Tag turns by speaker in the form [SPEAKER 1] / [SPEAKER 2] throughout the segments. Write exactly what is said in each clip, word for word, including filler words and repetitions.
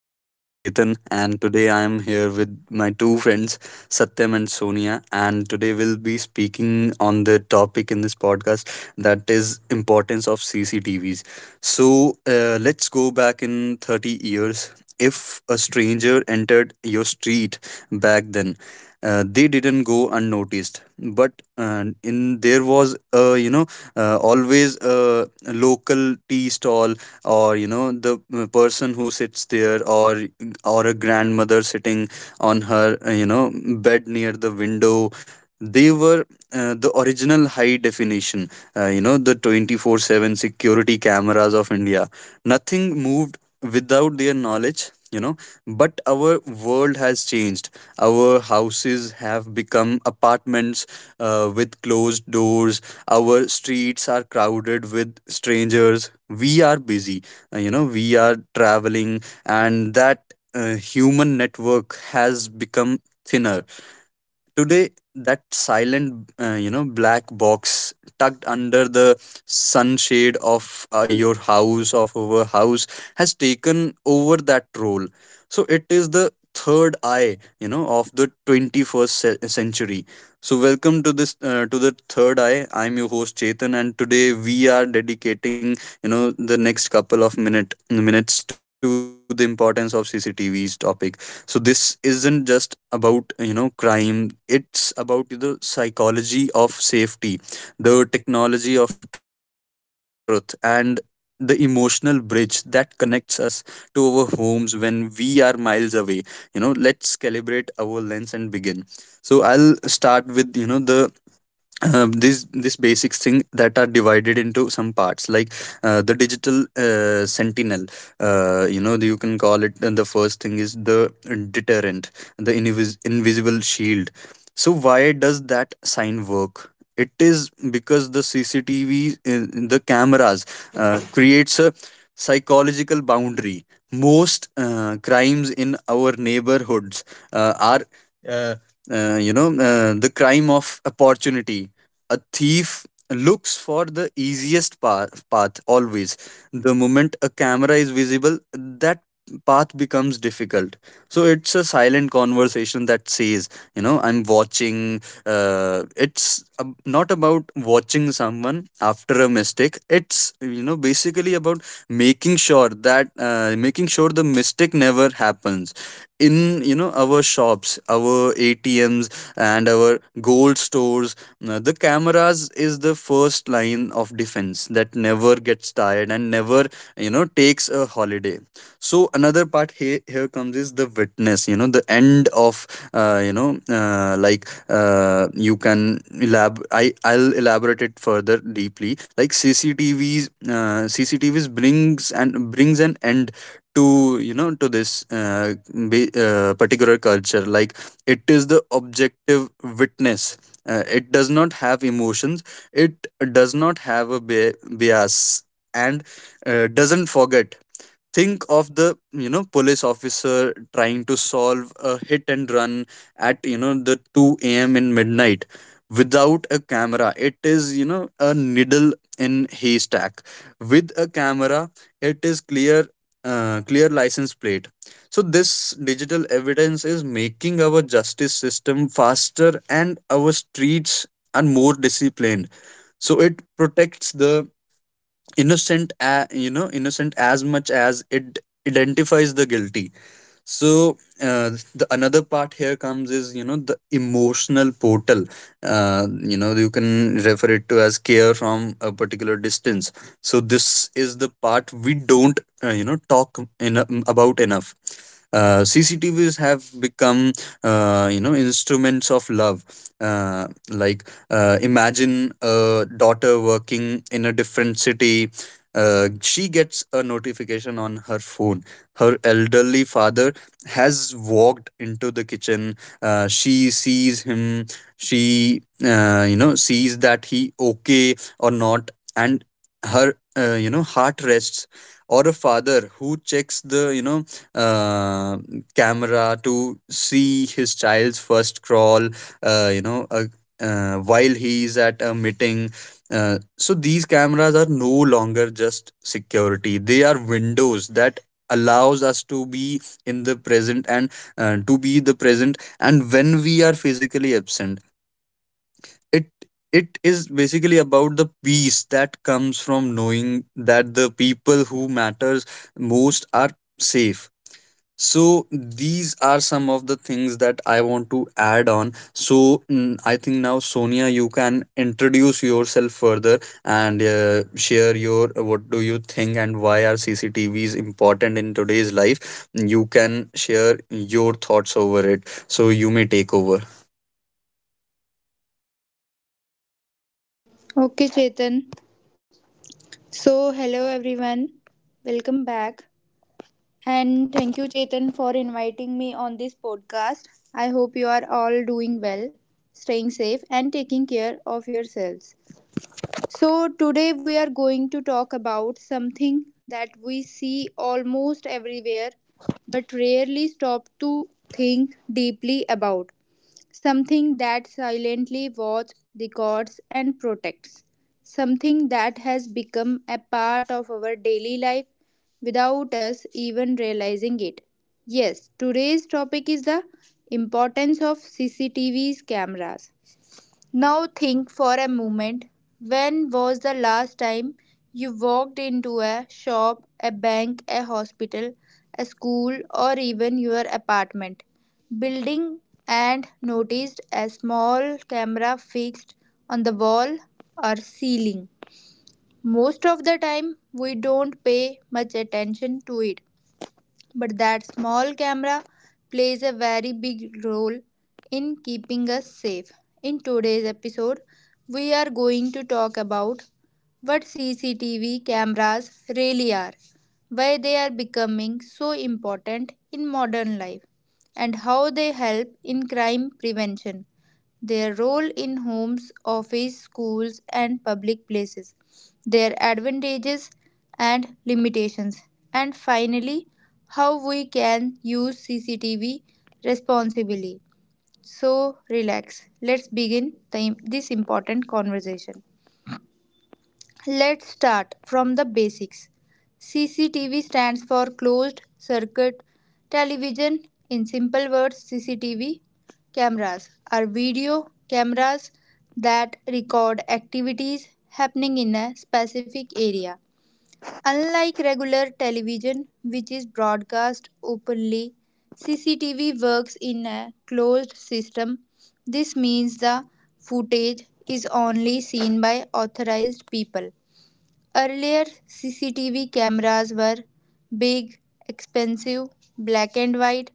[SPEAKER 1] My name is Chetan, and today I am here with my two friends Satyam and Sonia, and today we'll be speaking on the topic in this podcast, that is importance of C C T Vs. So uh, let's go back in thirty years. If a stranger entered your street back then, uh, they didn't go unnoticed, but uh, in there was uh, you know uh, always a local tea stall, or you know, the uh, person who sits there, or or a grandmother sitting on her uh, you know bed near the window. They were uh, the original high definition, uh, you know the twenty four seven security cameras of India. Nothing moved without their knowledge, you know. But our world has changed. Our houses have become apartments uh, with closed doors. Our streets are crowded with strangers. We are busy, uh, you know, we are traveling, and that uh, human network has become thinner. Today that silent uh, you know black box tucked under the sunshade of uh, your house, of our house, has taken over that role. So it is the third eye, you know, of the twenty-first ce- century. So welcome to this uh, to the third eye. I'm your host Chetan, and today we are dedicating, you know, the next couple of minute minutes to the importance of CCTV's topic. So this isn't just about, you know, crime. It's about the psychology of safety, the technology of truth, and the emotional bridge that connects us to our homes when we are miles away. You know, let's calibrate our lens and begin. So I'll start with, you know, the um, these this basic thing that are divided into some parts, like uh, the digital uh, sentinel, uh, you know, you can call it. And the first thing is the deterrent, the invis- invisible shield. So why does that sign work? It is because the cctv in- the cameras uh, creates a psychological boundary. Most uh, crimes in our neighborhoods uh, are uh, uh, you know uh, the crime of opportunity. A thief looks for the easiest path, path always. The moment a camera is visible, that path becomes difficult. So it's a silent conversation that says, you know, I'm watching. Uh, it's ab- not about watching someone after a mistake. It's, you know, basically about making sure that uh, making sure the mistake never happens in, you know, our shops, our A T Ms, and our gold stores. Uh, the cameras is the first line of defense that never gets tired and never, you know, takes a holiday. So another part here, here comes is the witness, you know, the end of uh, you know uh, like uh, you can elab I I'll elaborate it further deeply. Like cctvs uh, CCTVs brings and brings an end to, you know, to this uh, be, uh, particular culture. Like it is the objective witness. Uh, it does not have emotions. It does not have a bi- bias, and uh, doesn't forget. Think of the, you know, police officer trying to solve a hit and run at, you know, the two a.m. in midnight. Without a camera, it is, you know, a needle in haystack. With a camera, it is clear, uh, clear license plate. So this digital evidence is making our justice system faster, and our streets are more disciplined. So it protects the innocent a you know innocent as much as it identifies the guilty. So uh, the another part here comes is, you know, the emotional portal. Uh, you know, you can refer it to as care from a particular distance. So this is the part we don't, uh, you know, talk in about enough. uh, CCTVs have become, uh, you know, instruments of love. uh, like uh, Imagine a daughter working in a different city. Uh, she gets a notification on her phone. Her elderly father has walked into the kitchen. Uh, she sees him. She uh, you know, sees that he okay or not, and her, uh, you know, heart rests. Or a father who checks the, you know uh, camera to see his child's first crawl, uh, you know uh, uh, while he is at a meeting. Uh, so these cameras are no longer just security. They are windows that allows us to be in the present, and uh, to be the present and when we are physically absent. It it is basically about the peace that comes from knowing that the people who matters most are safe. So these are some of the things that I want to add on. So mm, I think now Sonia, you can introduce yourself further and uh, share your what do you think and why are C C T Vs important in today's life. You can share your thoughts over it. So you may take over.
[SPEAKER 2] Okay, Chetan. So, hello everyone. Welcome back. And thank you, Chetan, for inviting me on this podcast. I hope you are all doing well, staying safe, and taking care of yourselves. So, today we are going to talk about something that we see almost everywhere but rarely stop to think deeply about, something that silently watches, records, and protects, something that has become a part of our daily life without us even realizing it. Yes, today's topic is the importance of C C T V's cameras. Now think for a moment. When was the last time you walked into a shop, a bank, a hospital, a school, or even your apartment building and noticed a small camera fixed on the wall or ceiling? Most of the time, we don't pay much attention to it, but that small camera plays a very big role in keeping us safe. In today's episode, we are going to talk about what C C T V cameras really are, why they are becoming so important in modern life, and how they help in crime prevention, their role in homes, office, schools, and public places, their advantages and limitations, and finally, how we can use C C T V responsibly. So, relax. Let's begin the, this important conversation. Let's start from the basics. C C T V stands for closed circuit television. In simple words, C C T V cameras are video cameras that record activities happening in a specific area. Unlike regular television, which is broadcast openly, C C T V works in a closed system. This means the footage is only seen by authorized people. Earlier, C C T V cameras were big, expensive, black and white,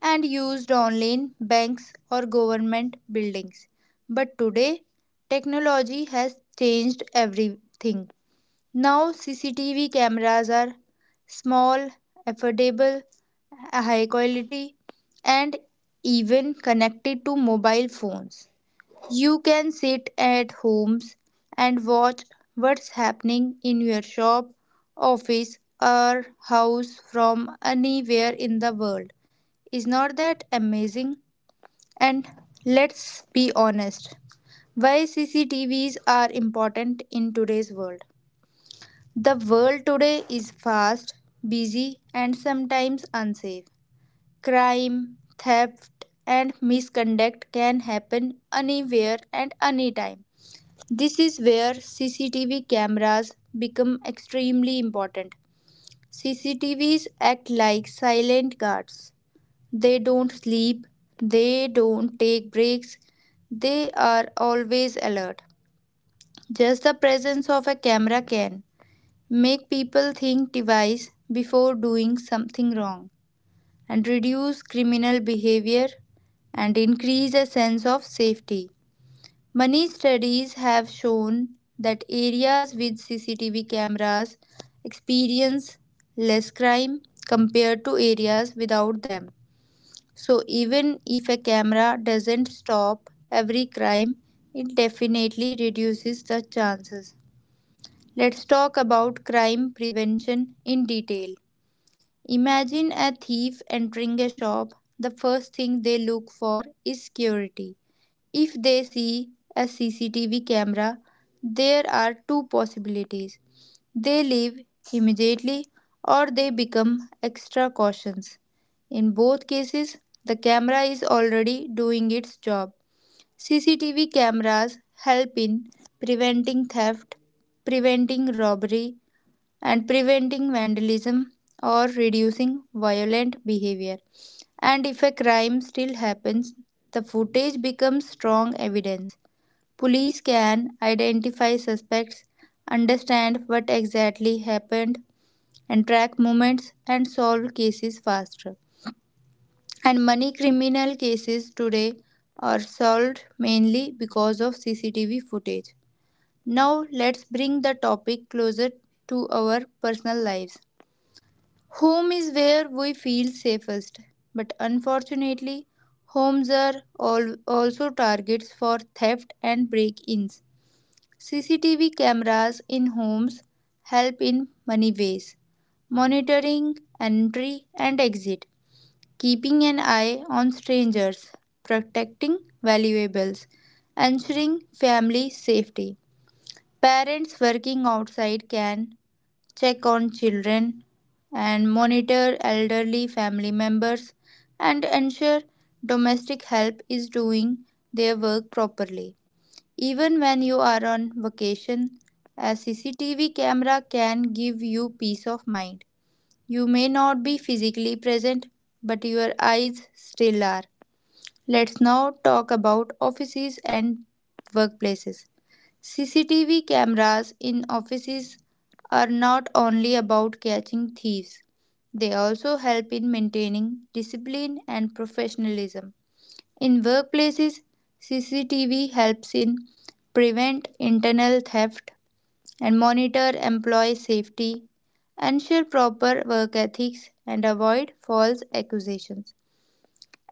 [SPEAKER 2] and used only in banks or government buildings. But today, technology has changed everything. Now, C C T V cameras are small, affordable, high quality, and even connected to mobile phones. You can sit at homes and watch what's happening in your shop, office, or house from anywhere in the world. Is not that amazing? And let's be honest, why C C T Vs are important in today's world? The world today is fast, busy, and sometimes unsafe. Crime, theft, and misconduct can happen anywhere and anytime. This is where C C T V cameras become extremely important. C C T Vs act like silent guards. They don't sleep, they don't take breaks, they are always alert. Just the presence of a camera can make people think twice before doing something wrong and reduce criminal behavior and increase a sense of safety. Many studies have shown that areas with C C T V cameras experience less crime compared to areas without them. So, even if a camera doesn't stop every crime, it definitely reduces the chances. Let's talk about crime prevention in detail. Imagine a thief entering a shop. The first thing they look for is security. If they see a C C T V camera, there are two possibilities. They leave immediately or they become extra cautious. In both cases, the camera is already doing its job. C C T V cameras help in preventing theft, preventing robbery, and preventing vandalism or reducing violent behavior. And if a crime still happens, the footage becomes strong evidence. Police can identify suspects, understand what exactly happened, and track movements and solve cases faster. And money criminal cases today are solved mainly because of C C T V footage. Now, let's bring the topic closer to our personal lives. Home is where we feel safest, but unfortunately, homes are al- also targets for theft and break ins. C C T V cameras in homes help in many ways: monitoring entry and exit, keeping an eye on strangers, protecting valuables, ensuring family safety. Parents working outside can check on children, and monitor elderly family members and ensure domestic help is doing their work properly. Even when you are on vacation, a C C T V camera can give you peace of mind. You may not be physically present, but your eyes still are. Let's now talk about offices and workplaces. C C T V cameras in offices are not only about catching thieves, they also help in maintaining discipline and professionalism. In workplaces, C C T V helps in prevent internal theft and monitor employee safety, ensure proper work ethics and avoid false accusations.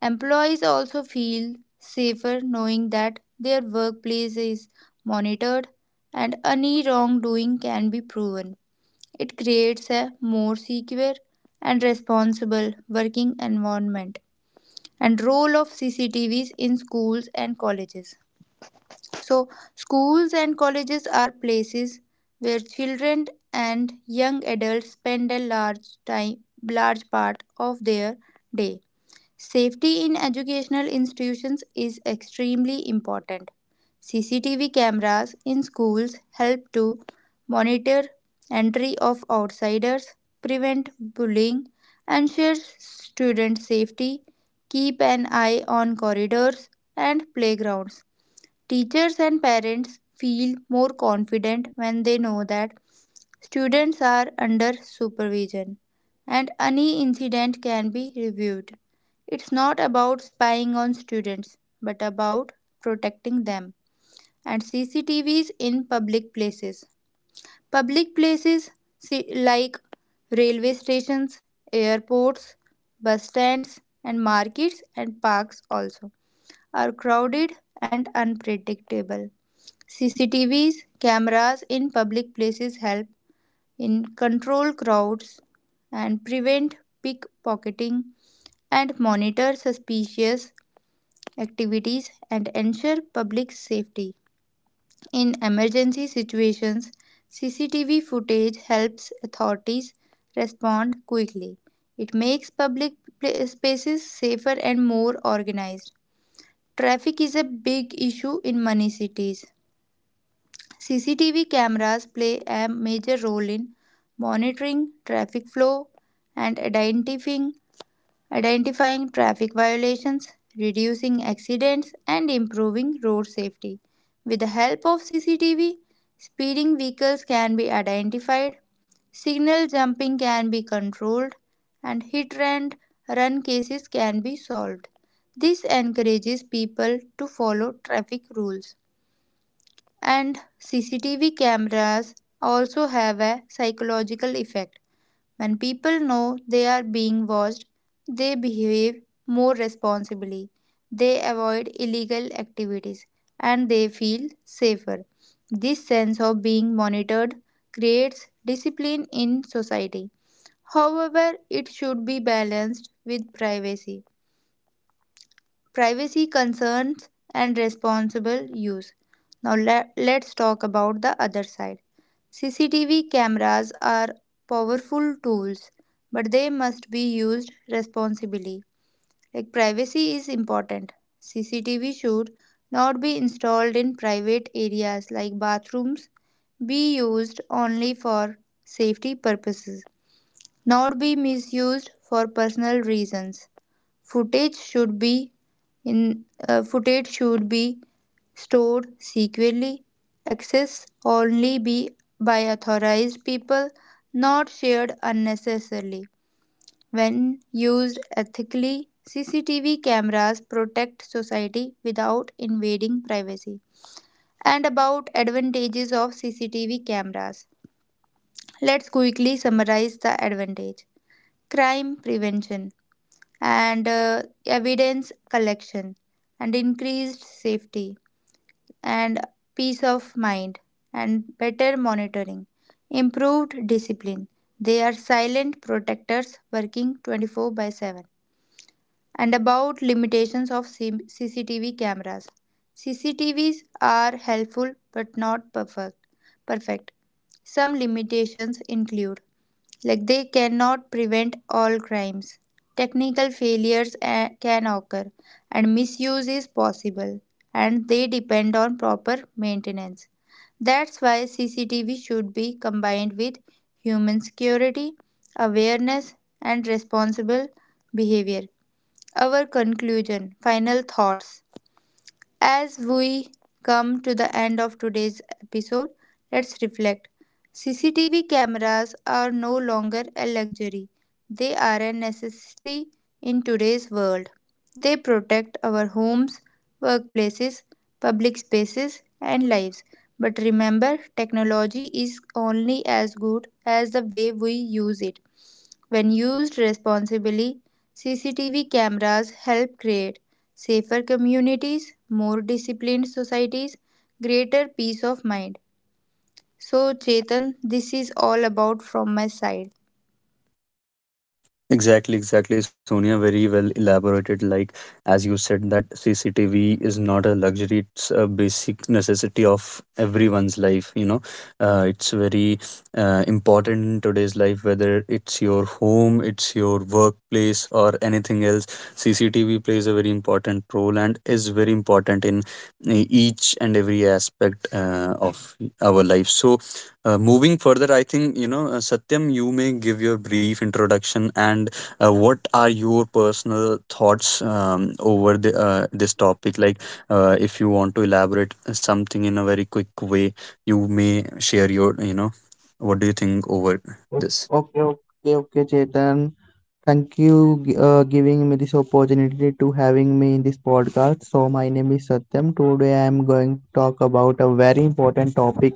[SPEAKER 2] Employees also feel safer knowing that their workplace is monitored and any wrongdoing can be proven. It creates a more secure and responsible working environment. And role of C C T Vs in schools and colleges. So, schools and colleges are places where children and young adults spend a large time, large part of their day. Safety in educational institutions is extremely important. C C T V cameras in schools help to monitor entry of outsiders, prevent bullying, ensure student safety, keep an eye on corridors and playgrounds. Teachers and parents feel more confident when they know that students are under supervision and any incident can be reviewed. It's not about spying on students but about protecting them. And C C T Vs in public places. Public places si- like railway stations, airports, bus stands, and markets and parks also are crowded and unpredictable. C C T Vs, cameras in public places help in control crowds and prevent pickpocketing and monitor suspicious activities and ensure public safety. In emergency situations, C C T V footage helps authorities respond quickly. It makes public spaces safer and more organized. Traffic is a big issue in many cities. C C T V cameras play a major role in monitoring traffic flow and identifying, identifying traffic violations, reducing accidents, and improving road safety. With the help of C C T V, speeding vehicles can be identified, signal jumping can be controlled, and hit and run cases can be solved. This encourages people to follow traffic rules, and C C T V cameras also have a psychological effect. When people know they are being watched, they behave more responsibly, they avoid illegal activities, and they feel safer. This sense of being monitored creates discipline in society. However, it should be balanced with privacy privacy concerns and responsible use. Now le- let's talk about the other side. C C T V cameras are powerful tools, but they must be used responsibly. Like privacy is important. C C T V should not be installed in private areas like bathrooms, be used only for safety purposes, not be misused for personal reasons. Footage should be in uh, Footage should be stored securely, access only be by authorized people, not shared unnecessarily. When used ethically, C C T V cameras protect society without invading privacy. And about advantages of C C T V cameras. Let's quickly summarize the advantage. Crime prevention and uh, evidence collection and increased safety and peace of mind and better monitoring, improved discipline. They are silent protectors working twenty-four by seven. And about limitations of C- CCTV cameras. CCTVs are helpful but not perfect perfect Some limitations include, like, they cannot prevent all crimes, technical failures eh, can occur, and misuse is possible, and they depend on proper maintenance. That's why CCTV should be combined with human security, awareness, and responsible behavior. Our conclusion, final thoughts. As we come to the end of today's episode, let's reflect. C C T V cameras are no longer a luxury, they are a necessity in today's world. They protect our homes, workplaces, public spaces, and lives. But remember, technology is only as good as the way we use it. When used responsibly, C C T V cameras help create safer communities, more disciplined societies, greater peace of mind. So, Chetan, this is all about from my side.
[SPEAKER 1] Exactly, exactly, Sonia. Very well elaborated. Like, as you said, that C C T V is not a luxury, it's a basic necessity of everyone's life. You know, uh, it's very uh, important in today's life, whether it's your home, it's your workplace, or anything else. C C T V plays a very important role and is very important in each and every aspect uh, of our life. So, uh, moving further, I think, you know, uh, Satyam, you may give your brief introduction and uh, what are your personal thoughts um, over the uh, this topic. Like uh, if you want to elaborate something in a very quick way, you may share your, you know, what do you think over
[SPEAKER 3] O-
[SPEAKER 1] this.
[SPEAKER 3] Okay, okay, okay, Chetan. Thank you gi- uh, giving me this opportunity to having me in this podcast. So my name is Satyam. Today I am going to talk about a very important topic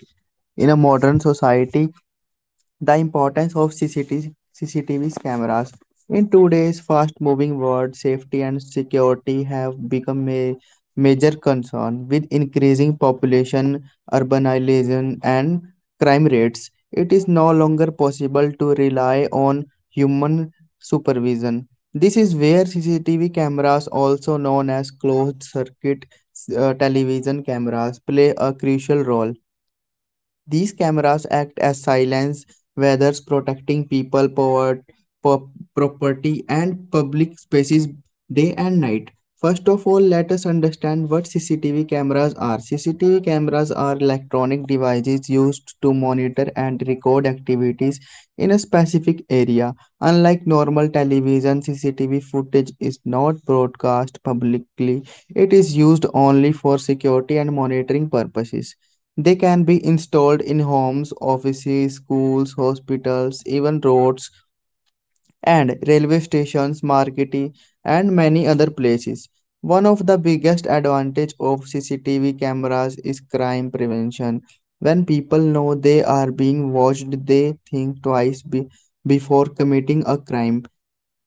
[SPEAKER 3] in a modern society, the importance of C C T V C C T V cameras. In today's fast-moving world, safety and security have become a major concern. With increasing population, urbanization, and crime rates, it is no longer possible to rely on human supervision. This is where C C T V cameras, also known as closed-circuit uh, television cameras, play a crucial role. These cameras act as silence weathers protecting people, power, po- property, and public spaces day and night. First of all, let us understand what C C T V cameras are. C C T V cameras are electronic devices used to monitor and record activities in a specific area. Unlike normal television, C C T V footage is not broadcast publicly. It is used only for security and monitoring purposes. They can be installed in homes, offices, schools, hospitals, even roads and railway stations, markets, and many other places. One of the biggest advantage of C C T V cameras is crime prevention. When people know they are being watched, they think twice be- before committing a crime.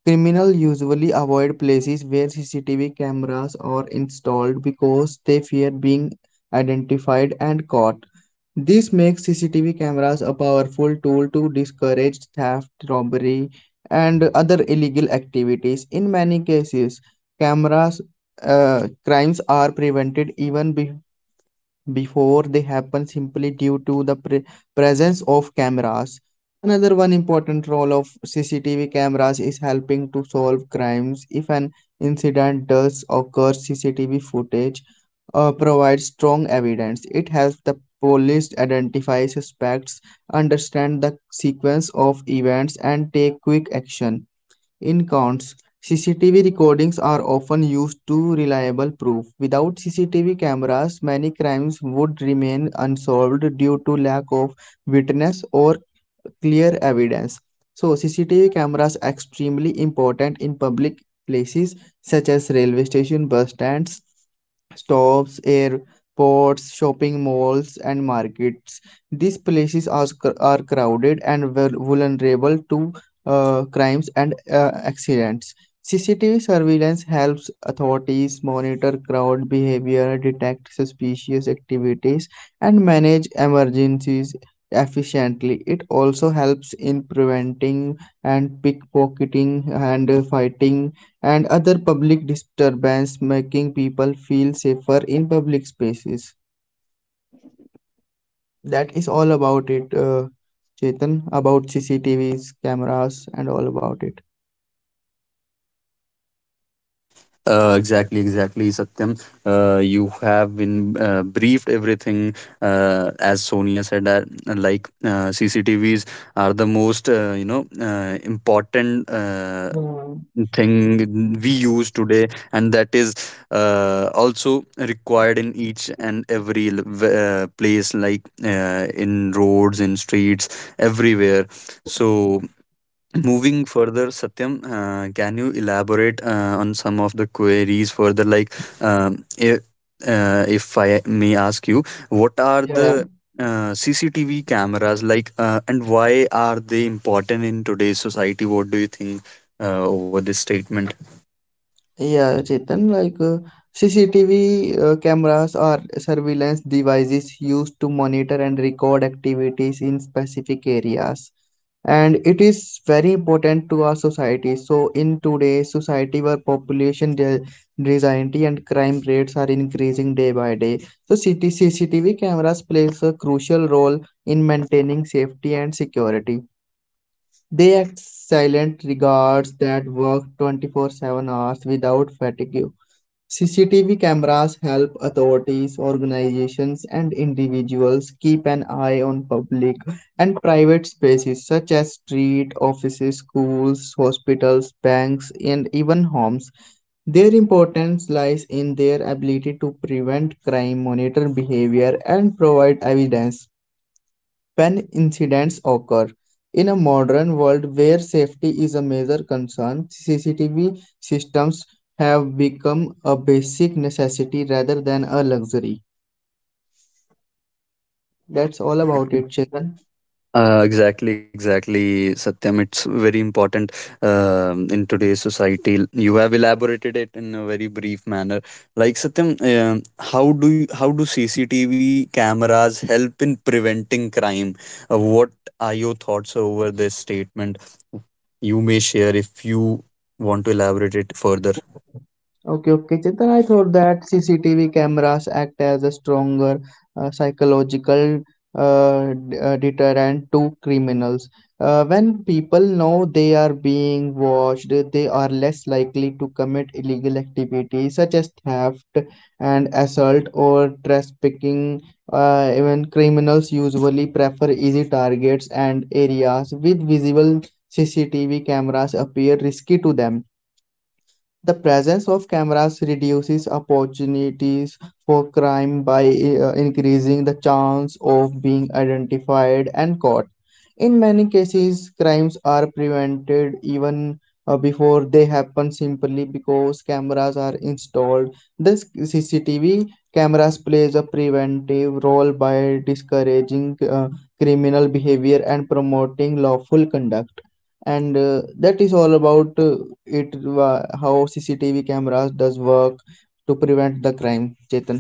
[SPEAKER 3] Criminals usually avoid places where C C T V cameras are installed because they fear being identified and caught. This makes C C T V cameras a powerful tool to discourage theft, robbery, and other illegal activities. In many cases, cameras uh, crimes are prevented even be- before they happen simply due to the pre- presence of cameras. Another one important role of C C T V cameras is helping to solve crimes. If an incident does occur, C C T V footage uh, provides strong evidence. It helps the police identify suspects, understand the sequence of events, and take quick action. In counts, C C T V recordings are often used to reliable proof. Without C C T V cameras, many crimes would remain unsolved due to lack of witness or clear evidence. So, C C T V cameras are extremely important in public places such as railway station, bus stands, stops, airports, shopping malls, and markets. These places are, are crowded and vulnerable to uh, crimes and uh, accidents. C C T V surveillance helps authorities monitor crowd behavior, detect suspicious activities, and manage emergencies efficiently. It also helps in preventing and pickpocketing and uh, fighting and other public disturbance, making people feel safer in public spaces. That is all about it, uh, Chetan, about C C T Vs, cameras, and all about it.
[SPEAKER 1] Uh, exactly exactly Satyam. Uh, you have been uh, briefed everything. Uh, as Sonia said, that like uh, cctvs are the most uh, you know uh, important uh, thing we use today, and that is uh, also required in each and every l- v- uh, place, like uh, in roads, in streets, everywhere. So moving further, Satyam, uh, can you elaborate uh, on some of the queries further? Like, um, if, uh, if I may ask you, what are
[SPEAKER 3] Yeah,
[SPEAKER 1] the uh, C C T V cameras like, uh, and why are they important in today's society? What do you think uh, over this statement?
[SPEAKER 3] yeah, Chetan, like uh, C C T V uh, cameras are surveillance devices used to monitor and record activities in specific areas. And it is very important to our society. So, in today's society where population de- density and crime rates are increasing day by day, so C T C C T V cameras plays a crucial role in maintaining safety and security. They act silent regards that work twenty-four seven hours without fatigue. C C T V cameras help authorities, organizations, and individuals keep an eye on public and private spaces such as street, offices, schools, hospitals, banks, and even homes. Their importance lies in their ability to prevent crime, monitor behavior, and provide evidence when incidents occur. In a modern world where safety is a major concern, C C T V systems have become a basic necessity rather than a luxury. That's all about it, Chetan.
[SPEAKER 1] Uh, exactly, exactly, Satyam. It's very important um in today's society. You have elaborated it in a very brief manner. Like Satyam, um how do you, how do C C T V cameras help in preventing crime? Uh, what are your thoughts over this statement? You may share if you want to elaborate it further.
[SPEAKER 3] Okay, okay, Chetan. I thought that C C T V cameras act as a stronger uh, psychological uh, d- uh, deterrent to criminals. Uh, when people know they are being watched, they are less likely to commit illegal activities such as theft and assault or trafficking. Uh, even criminals usually prefer easy targets and areas with visible C C T V cameras appear risky to them. The presence of cameras reduces opportunities for crime by uh, increasing the chance of being identified and caught. In many cases, crimes are prevented even uh, before they happen simply because cameras are installed. This C C T V cameras plays a preventive role by discouraging uh, criminal behavior and promoting lawful conduct and uh, that is all about uh, it, wha- how CCTV cameras does work to prevent the crime, Chetan.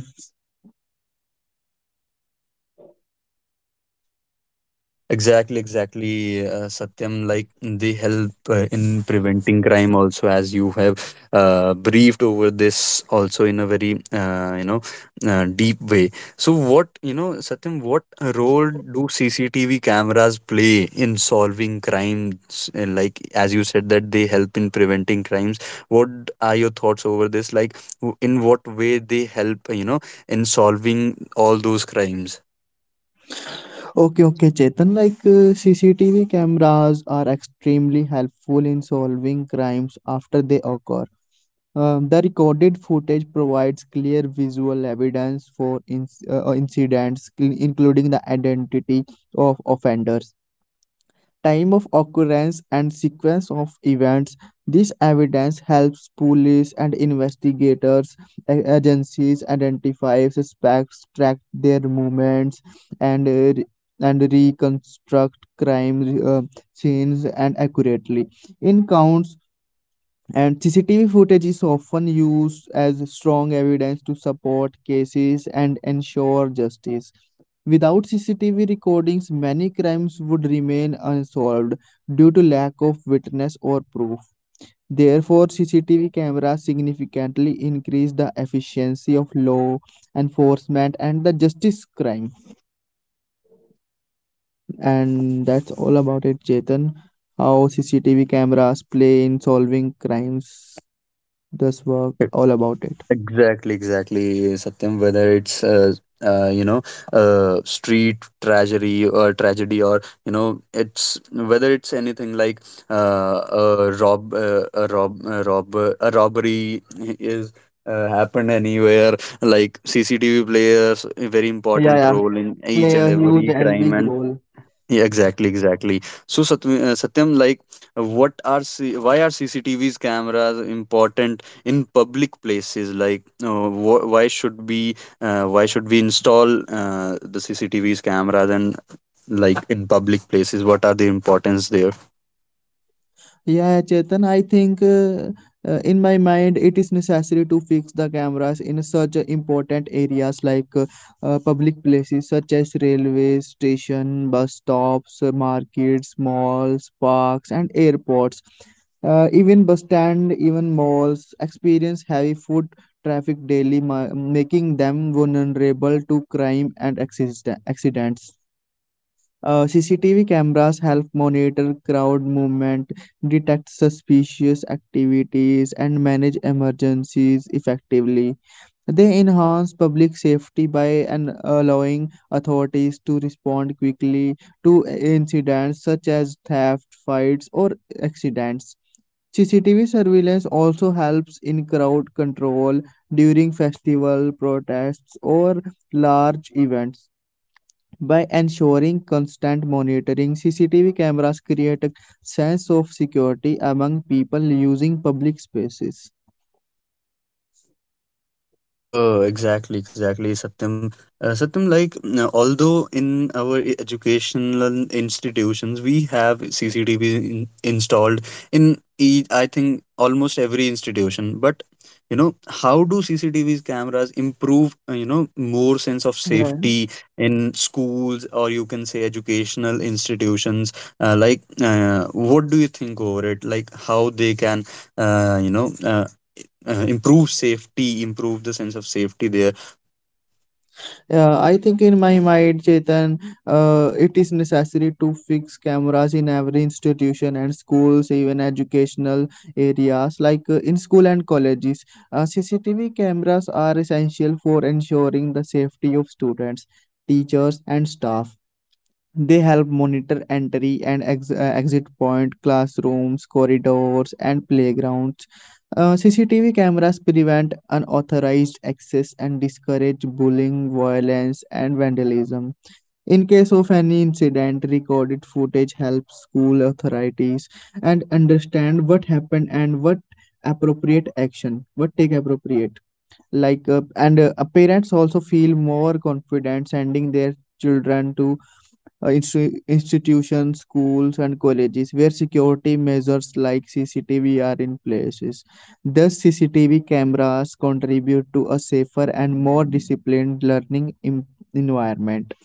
[SPEAKER 1] Exactly, exactly, uh, Satyam. Like they help uh, in preventing crime also, as you have uh, briefed over this also in a very uh, you know uh, deep way. So, what, you know, Satyam, what role do C C T V cameras play in solving crimes? Uh, like, as you said, that they help in preventing crimes. What are your thoughts over this? Like, w- in what way they help, uh, you know, in solving all those crimes?
[SPEAKER 3] Okay, okay, Chetan, like uh, CCTV cameras are extremely helpful in solving crimes after they occur. Um, the recorded footage provides clear visual evidence for inc- uh, uh, incidents, cl- including the identity of offenders, time of occurrence and sequence of events. This evidence helps police and investigators, agencies identify suspects, track their movements, and uh, and reconstruct crime uh, scenes and accurately. In counts and C C T V footage is often used as strong evidence to support cases and ensure justice. Without C C T V recordings, many crimes would remain unsolved due to lack of witness or proof. Therefore, C C T V cameras significantly increase the efficiency of law enforcement and the justice crime. And that's all about it, Chetan. How C C T V cameras play in solving crimes. This work all about it.
[SPEAKER 1] Exactly, exactly, Satyam. Whether it's uh, uh, you know, uh, street tragedy or tragedy, or you know, it's whether it's anything like uh, a rob, uh, a rob, a rob, a robbery is uh, happened anywhere. Like C C T V players a very
[SPEAKER 3] Yeah,
[SPEAKER 1] important
[SPEAKER 3] yeah.
[SPEAKER 1] role in each
[SPEAKER 3] Play
[SPEAKER 1] and
[SPEAKER 3] a huge
[SPEAKER 1] every
[SPEAKER 3] and
[SPEAKER 1] crime,
[SPEAKER 3] big
[SPEAKER 1] and
[SPEAKER 3] role.
[SPEAKER 1] yeah, exactly, exactly. So, Satv- uh, Satyam, like, uh, what are C- why are C C T Vs cameras important in public places? Like, uh, wh- why should be uh, why should we install uh, the C C T Vs cameras and like in public places? What are the importance there?
[SPEAKER 3] Yeah, Chetan, I think uh, uh, in my mind it is necessary to fix the cameras in such uh, important areas like uh, uh, public places such as railways, station, bus stops, uh, markets, malls, parks, and airports. Uh, even bus stand, even malls experience heavy foot traffic daily, ma- making them vulnerable to crime and accident- accidents. Uh, C C T V cameras help monitor crowd movement, detect suspicious activities, and manage emergencies effectively. They enhance public safety by an- allowing authorities to respond quickly to incidents such as theft, fights, or accidents. C C T V surveillance also helps in crowd control during festival protests or large events. By ensuring constant monitoring, C C T V cameras create a sense of security among people using public spaces.
[SPEAKER 1] Oh, exactly, exactly, Satyam. Uh, Satyam, like, n- although in our e- educational institutions we have C C T V in, installed in, e- I think, almost every institution, but you know, how do C C T V's cameras improve, uh, you know, more sense of
[SPEAKER 3] Yeah.
[SPEAKER 1] safety in schools, or you can say educational institutions? Uh, like, uh, what do you think over it? Like, how they can, uh, you know, uh, uh, improve safety improve the sense of safety there?
[SPEAKER 3] Yeah, I think in my mind, Chetan, uh, it is necessary to fix cameras in every institution and schools, even educational areas like uh, in school and colleges. Uh, C C T V cameras are essential for ensuring the safety of students, teachers, and staff. They help monitor entry and ex- uh, exit point, classrooms, corridors, and playgrounds. Uh, C C T V cameras prevent unauthorized access and discourage bullying, violence, and vandalism. In case of any incident, recorded footage helps school authorities and understand what happened and what appropriate action, what take appropriate. Like uh, and uh, Parents also feel more confident sending their children to uh, insti- institutions, schools, and colleges where security measures like C C T V are in places. Thus, C C T V cameras contribute to a safer and more disciplined learning em- environment.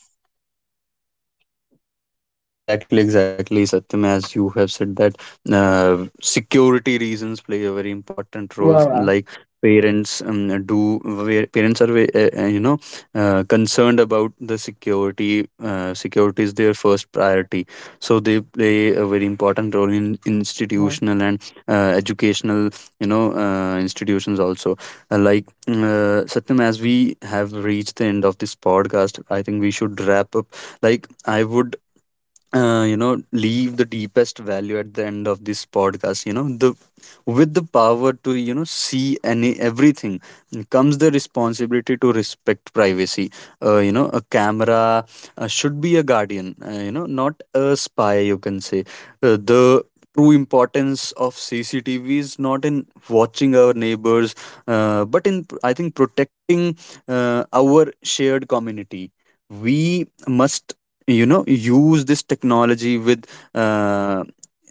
[SPEAKER 1] Exactly, exactly, Satyam. As you have said that uh, security reasons play a very important role.
[SPEAKER 3] Wow.
[SPEAKER 1] Like parents um, do, where parents are ve- uh, uh, you know, uh, concerned about the security. Uh, security is their first priority, so they play a very important role in institutional and uh, educational, you know, uh, institutions also. Uh, like uh, Satyam, as we have reached the end of this podcast, I think we should wrap up. Like I would, uh, you know, leave the deepest value at the end of this podcast. You know, the with the power to, you know, see any everything comes the responsibility to respect privacy. Uh, you know, a camera uh, should be a guardian, uh, you know, not a spy, you can say. Uh, the true importance of CCTV is not in watching our neighbors, uh, but in, I think, protecting uh, our shared community. We must, you know, use this technology with uh,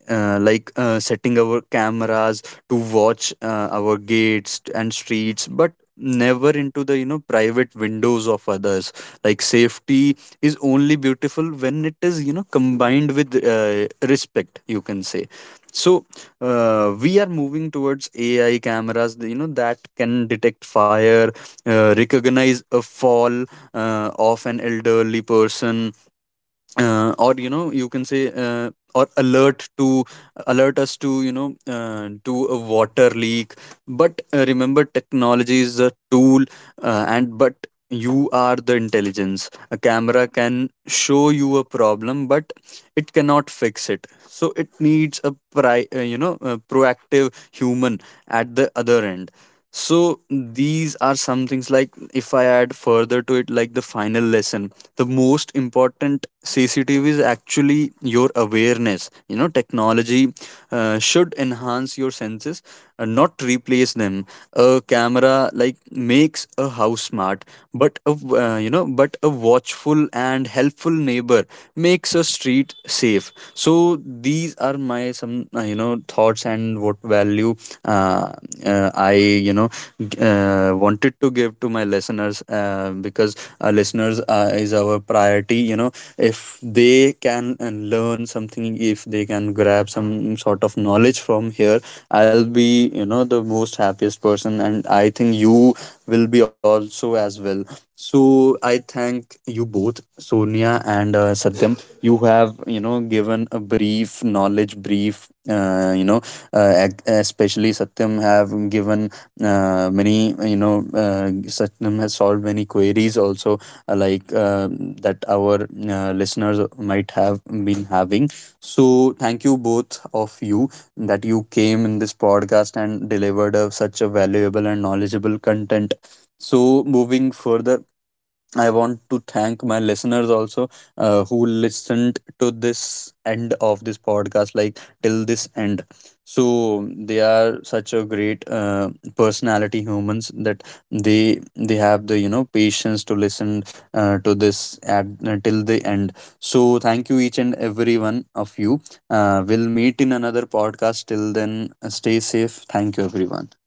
[SPEAKER 1] uh, like uh, setting our cameras to watch uh, our gates and streets, but never into the, you know, private windows of others. Like, safety is only beautiful when it is, you know, combined with uh, respect, you can say. So uh, we are moving towards A I cameras, you know, that can detect fire, uh, recognize a fall uh, of an elderly person, uh, or, you know, you can say, uh, or alert to alert us to, you know, uh, to a water leak. But uh, remember, technology is a tool, uh, and but you are the intelligence. A camera can show you a problem, but it cannot fix it. So it needs a pri- uh, you know, a proactive human at the other end. So these are some things. Like, if I add further to it, like the final lesson, the most important C C T V is actually your awareness. You know, technology uh, should enhance your senses, uh, not replace them. A camera like makes a house smart, but a w- uh, you know, but a watchful and helpful neighbor makes a street safe. So these are my some, uh, you know know thoughts and what value uh, uh, i you know g- uh, wanted to give to my listeners, uh, because our listeners uh, is our priority. You know, if they can uh, learn something, if they can grab some sort of knowledge from here, I'll be, you know, the most happiest person, and I think you will be also as well. So I thank you both, Sonia and uh, Satyam. You have, you know, given a brief knowledge, brief, uh, you know, uh, ac- especially Satyam have given uh, many, you know, uh, Satyam has solved many queries also, uh, like uh, that our uh, listeners might have been having. So thank you, both of you, that you came in this podcast and delivered a, such a valuable and knowledgeable content. So, moving further, I want to thank my listeners also, uh, who listened to this end of this podcast, like till this end. So they are such a great uh, personality humans that they they have the, you know, patience to listen uh, to this at, uh, till the end. So thank you each and every one of you. Uh, we'll meet in another podcast. Till then, uh, stay safe. Thank you, everyone.